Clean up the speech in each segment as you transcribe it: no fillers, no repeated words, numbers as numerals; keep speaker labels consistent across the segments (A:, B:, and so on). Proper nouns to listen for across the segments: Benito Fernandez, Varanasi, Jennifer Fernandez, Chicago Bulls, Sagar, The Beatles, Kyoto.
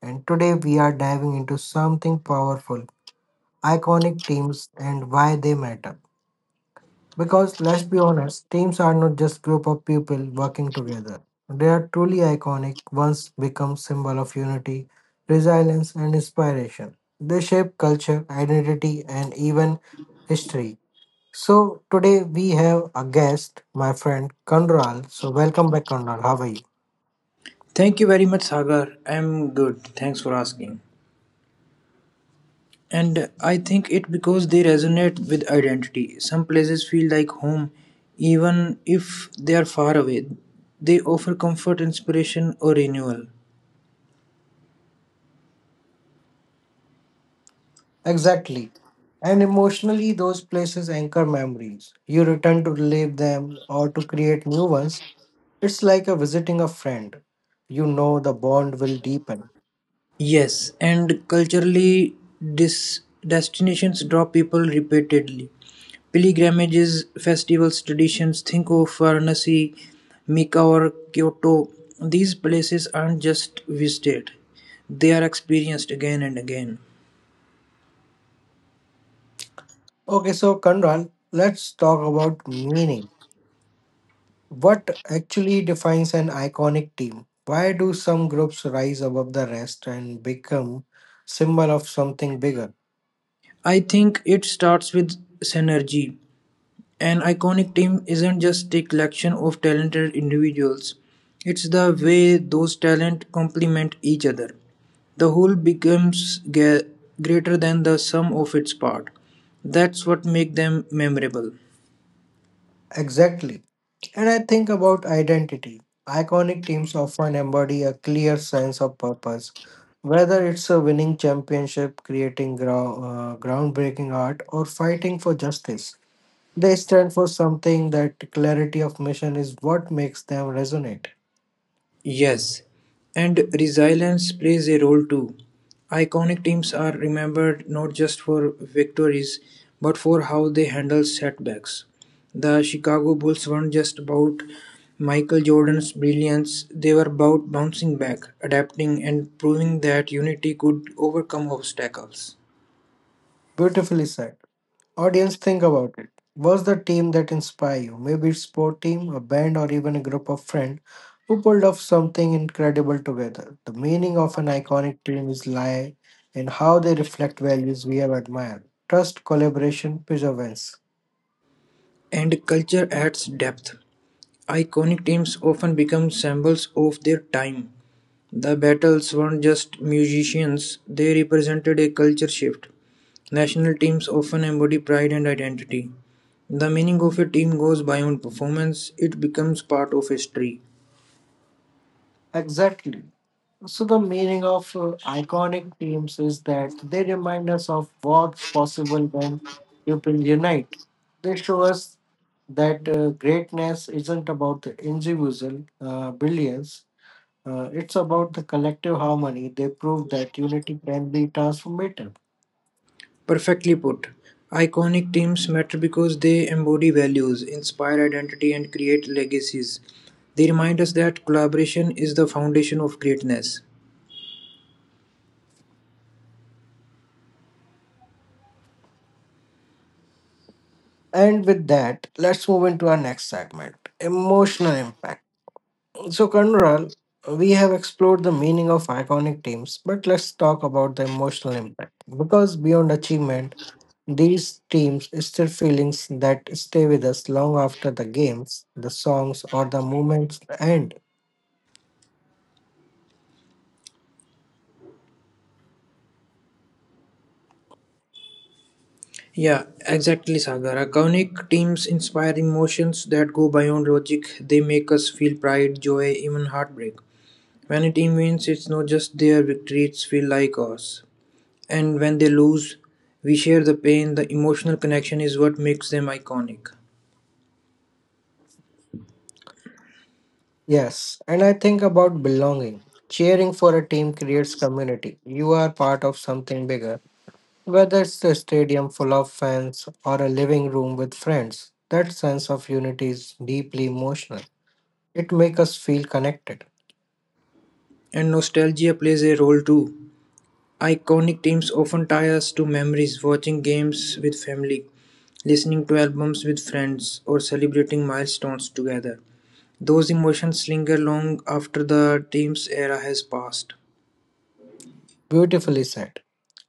A: and today we are diving into something powerful, iconic teams and why they matter. Because let's be honest, teams are not just group of people working together. They are truly iconic once become symbol of unity, resilience and inspiration. They shape culture, identity and even history. So today we have a guest, my friend Kondral. So welcome back Kondral. How are you?
B: Thank you very much, Sagar. I'm good. Thanks for asking. And I think it because they resonate with identity. Some places feel like home, even if they are far away. They offer comfort, inspiration, or renewal.
A: Exactly. And emotionally, those places anchor memories. You return to relive them or to create new ones. It's like a visiting a friend. You know the bond will deepen.
B: Yes, and culturally, dis- destinations draw people repeatedly. Pilgrimages, festivals, traditions, think of Varanasi, Mika, or Kyoto. These places aren't just visited, they are experienced again and again.
A: Okay, so Kanral, let's talk about meaning. What actually defines an iconic team? Why do some groups rise above the rest and become symbol of something bigger?
B: I think it starts with synergy. An iconic team isn't just a collection of talented individuals, it's the way those talent complement each other. The whole becomes greater than the sum of its part. That's what makes them memorable.
A: Exactly. And I think about identity. Iconic teams often embody a clear sense of purpose, whether it's a winning championship, creating groundbreaking art, or fighting for justice. They stand for something that clarity of mission is what makes them resonate.
B: Yes, and resilience plays a role too. Iconic teams are remembered not just for victories, but for how they handle setbacks. The Chicago Bulls weren't just about Michael Jordan's brilliance, they were about bouncing back, adapting, and proving that unity could overcome obstacles.
A: Beautifully said. Audience, think about it. What's the team that inspire you? Maybe it's sport team, a band, or even a group of friends who pulled off something incredible together. The meaning of an iconic team is lie in how they reflect values we have admired. Trust, collaboration, perseverance.
B: And culture adds depth. Iconic teams often become symbols of their time. The Battles weren't just musicians, they represented a culture shift. National teams often embody pride and identity. The meaning of a team goes beyond performance, it becomes part of history.
A: Exactly. So the meaning of iconic teams is that they remind us of what's possible when people unite. They show us that greatness isn't about the individual billions, it's about the collective harmony. They prove that unity can be transformative.
B: Perfectly put, iconic teams matter because they embody values, inspire identity, and create legacies. They remind us that collaboration is the foundation of greatness.
A: And with that, let's move into our next segment emotional impact. So, Kanral, we have explored the meaning of iconic teams, but let's talk about the emotional impact. Because beyond achievement, these teams stir feelings that stay with us long after the games, the songs, or the moments end.
B: Yeah, exactly, Sagar. Iconic teams inspire emotions that go beyond logic. They make us feel pride, joy, even heartbreak. When a team wins, it's not just their victories feel like ours. And when they lose, we share the pain. The emotional connection is what makes them iconic.
A: Yes, and I think about belonging. Cheering for a team creates community. You are part of something bigger, whether it's a stadium full of fans or a living room with friends. That sense of unity is deeply emotional. It makes us feel connected.
B: And nostalgia plays a role too. Iconic teams often tie us to memories, watching games with family, listening to albums with friends, or celebrating milestones together. Those emotions linger long after the team's era has passed,
A: Beautifully said.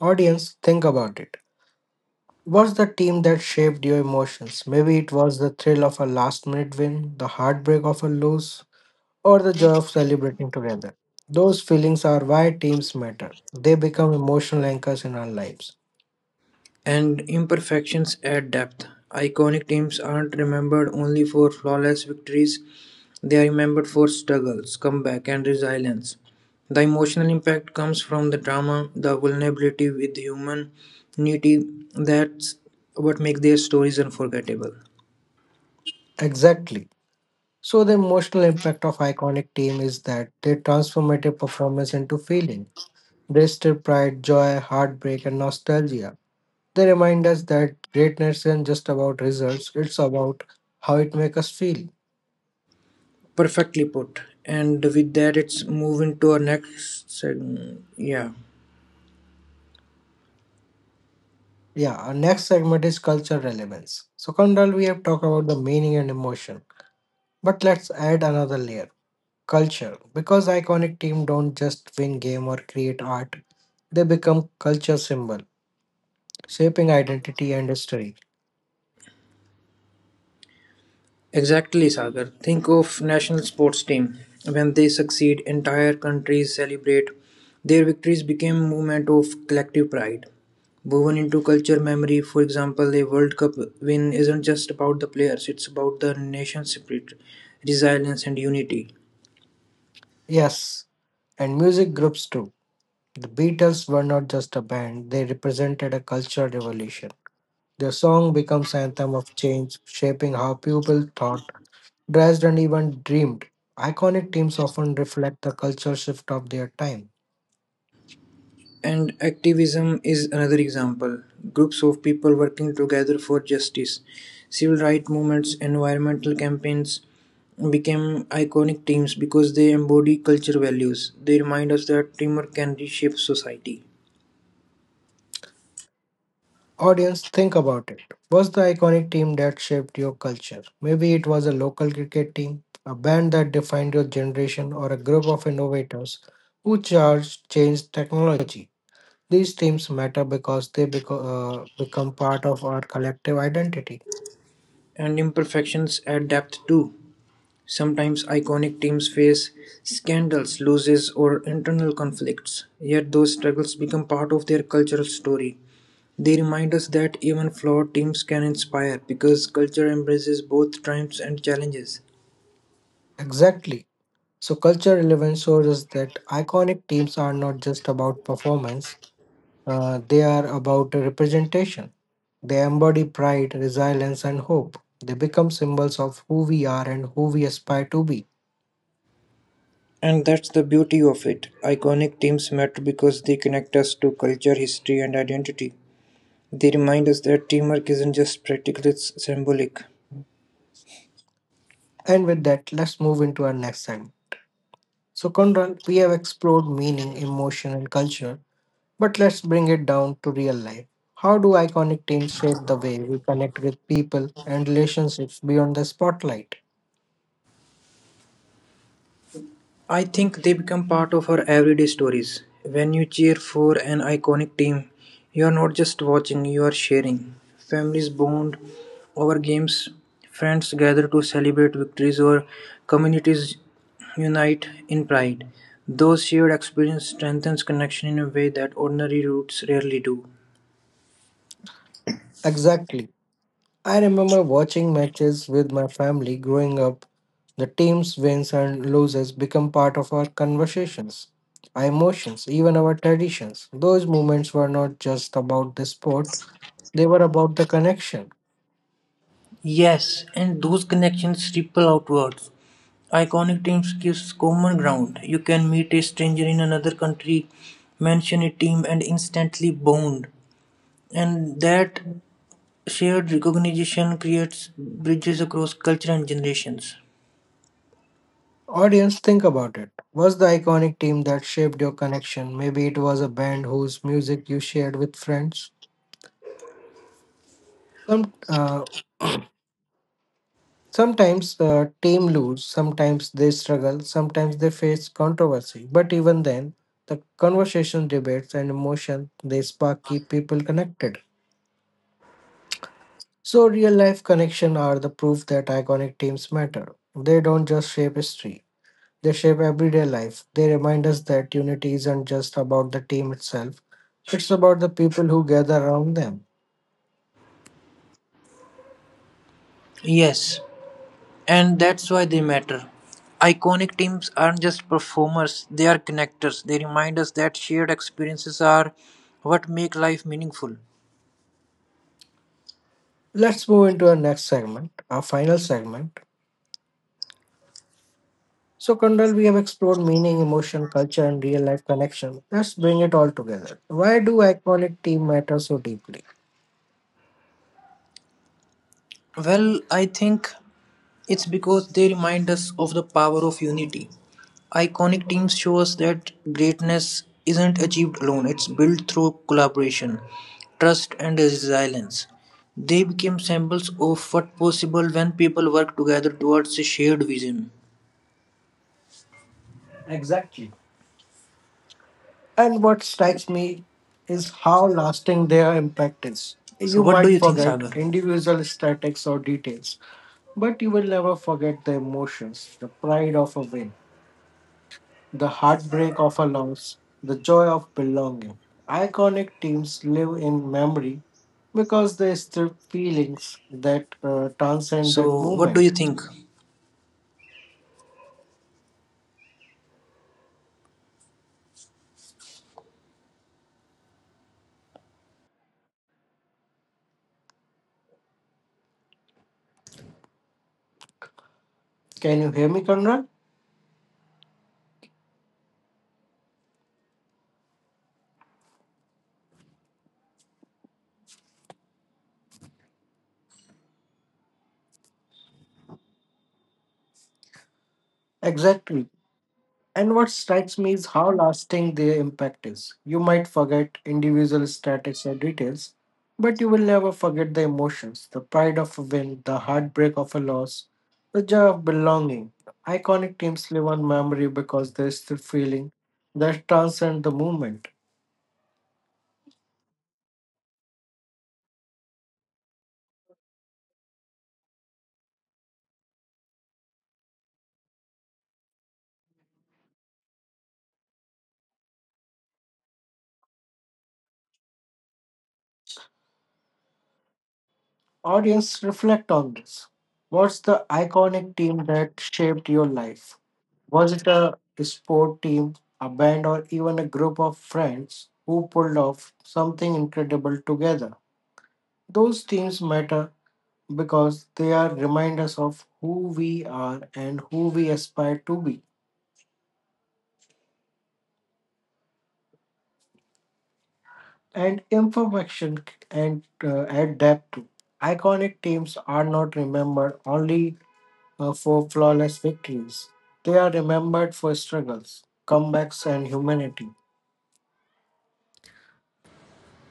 A: Audience, think about it. What's the team that shaped your emotions? Maybe it was the thrill of a last minute win, the heartbreak of a lose, or the joy of celebrating together. Those feelings are why teams matter. They become emotional anchors in our lives.
B: and imperfections add depth. Iconic teams aren't remembered only for flawless victories, they are remembered for struggles, comeback, and resilience. The emotional impact comes from the drama, the vulnerability with humanity. That's what makes their stories unforgettable.
A: Exactly. So the emotional impact of iconic team is that they transform a performance into feeling. They stir pride, joy, heartbreak, and nostalgia. They remind us that greatness isn't just about results, it's about how it makes us feel.
B: Perfectly put. And with that, it's moving to our next segment. Yeah.
A: Yeah, our next segment is culture relevance. So, Kondal, we have talked about the meaning and emotion, but let's add another layer culture because iconic teams don't just win game or create art, they become culture symbol shaping identity and history.
B: Exactly, Sagar. Think of national sports team. When they succeed, entire countries celebrate. Their victories became a movement of collective pride. Woven into culture memory, for example, a World Cup win isn't just about the players, it's about the nation's spirit, resilience and unity.
A: Yes, and music groups too. The Beatles were not just a band, they represented a cultural revolution. Their song becomes anthem of change shaping how people thought, dressed and even dreamed. Iconic teams often reflect the cultural shift of their time.
B: And activism is another example. Groups of people working together for justice, civil rights movements, environmental campaigns became iconic teams because they embody cultural values. They remind us that humor can reshape society.
A: Audience, think about it. What's the iconic team that shaped your culture? Maybe it was a local cricket team, a band that defined your generation, or a group of innovators who changed technology. These teams matter because they become part of our collective identity.
B: And imperfections add depth too. Sometimes iconic teams face scandals, losses, or internal conflicts, yet those struggles become part of their cultural story. They remind us that even flawed teams can inspire because culture embraces both triumphs and challenges.
A: Exactly. So, culture relevance shows that iconic teams are not just about performance, they are about representation. They embody pride, resilience, and hope. They become symbols of who we are and who we aspire to be.
B: And that's the beauty of it. Iconic teams matter because they connect us to culture, history, and identity. They remind us that teamwork isn't just practical, it's symbolic.
A: And with that, let's move into our next segment. So, Kunral, we have explored meaning, emotion, and culture, but let's bring it down to real life. How do iconic teams shape the way we connect with people and relationships beyond the spotlight?
B: I think they become part of our everyday stories. When you cheer for an iconic team, you are not just watching, you are sharing. Families bond over games, friends gather to celebrate victories, or communities unite in pride. Those shared experiences strengthens connection in a way that ordinary routes rarely do.
A: Exactly. I remember watching matches with my family growing up. The team's wins and losses become part of our conversations, our emotions, even our traditions. Those moments were not just about the sport, they were about the connection.
B: Yes, and those connections ripple outwards. Iconic teams gives common ground. You can meet a stranger in another country, mention a team, and instantly bond. And that shared recognition creates bridges across culture and generations.
A: Audience, think about it. Was the iconic team that shaped your connection? Maybe it was a band whose music you shared with friends. Some, uh, Sometimes the team lose, sometimes they struggle, sometimes they face controversy. But even then, the conversation, debates, and emotion they spark keep people connected. So real life connection are the proof that iconic teams matter. They don't just shape history; they shape everyday life. They remind us that unity isn't just about the team itself; it's about the people who gather around them.
B: Yes, and that's why they matter. Iconic teams aren't just performers, they are connectors. They remind us that shared experiences are what make life meaningful.
A: Let's move into our next segment, our final segment. So, Kundal, we have explored meaning, emotion, culture, and real life connection. Let's bring it all together. Why do iconic team matter so deeply?
B: Well, I think it's because they remind us of the power of unity. Iconic teams show us that greatness isn't achieved alone, it's built through collaboration, trust, and resilience. They became symbols of what possible when people work together towards a shared vision.
A: Exactly. And what strikes me is how lasting their impact is.
B: So,
A: You
B: what do
A: might
B: you think,
A: forget
B: Sagar?
A: individual statics or details, but you will never forget the emotions, the pride of a win, the heartbreak of a loss, the joy of belonging. Iconic teams live in memory because they stir feelings that transcend that
B: So, what do you
A: moment.
B: think?
A: Can you hear me, Conrad? Exactly. And what strikes me is how lasting their impact is. You might forget individual statics or details, but you will never forget the emotions, the pride of a win, the heartbreak of a loss, the joy of belonging. Iconic teams live on memory because there is the feeling that transcends the movement. Audience, reflect on this. What's the iconic team that shaped your life? Was it a sport team, a band, or even a group of friends who pulled off something incredible together? Those themes matter because they are reminders of who we are and who we aspire to be, and information c- and add depth to. Iconic teams are not remembered only for flawless victories; they are remembered for struggles, comebacks, and humanity.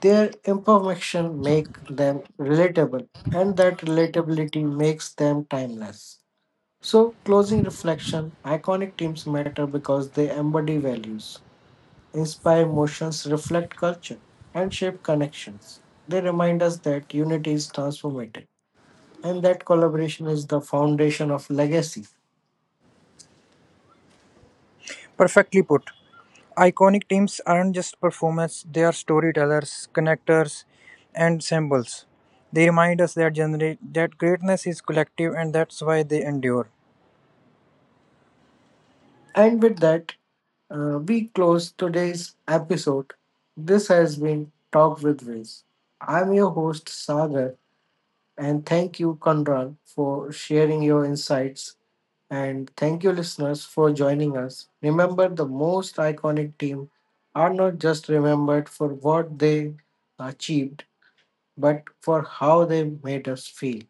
A: Their imperfection make them relatable and that relatability makes them timeless. So closing reflection, iconic teams matter because they embody values, inspire emotions, reflect culture, and shape connections. They remind us that unity is transformative and that collaboration is the foundation of legacy.
C: Perfectly put. Iconic teams aren't just performers, they are storytellers, connectors, and symbols. They remind us that, that greatness is collective, and that's why they endure.
A: And with that, we close today's episode. This has been Talk with Wiz. I'm your host, Sagar. And thank you, Conrad, for sharing your insights. And thank you, listeners, for joining us. Remember, the most iconic team are not just remembered for what they achieved, but for how they made us feel.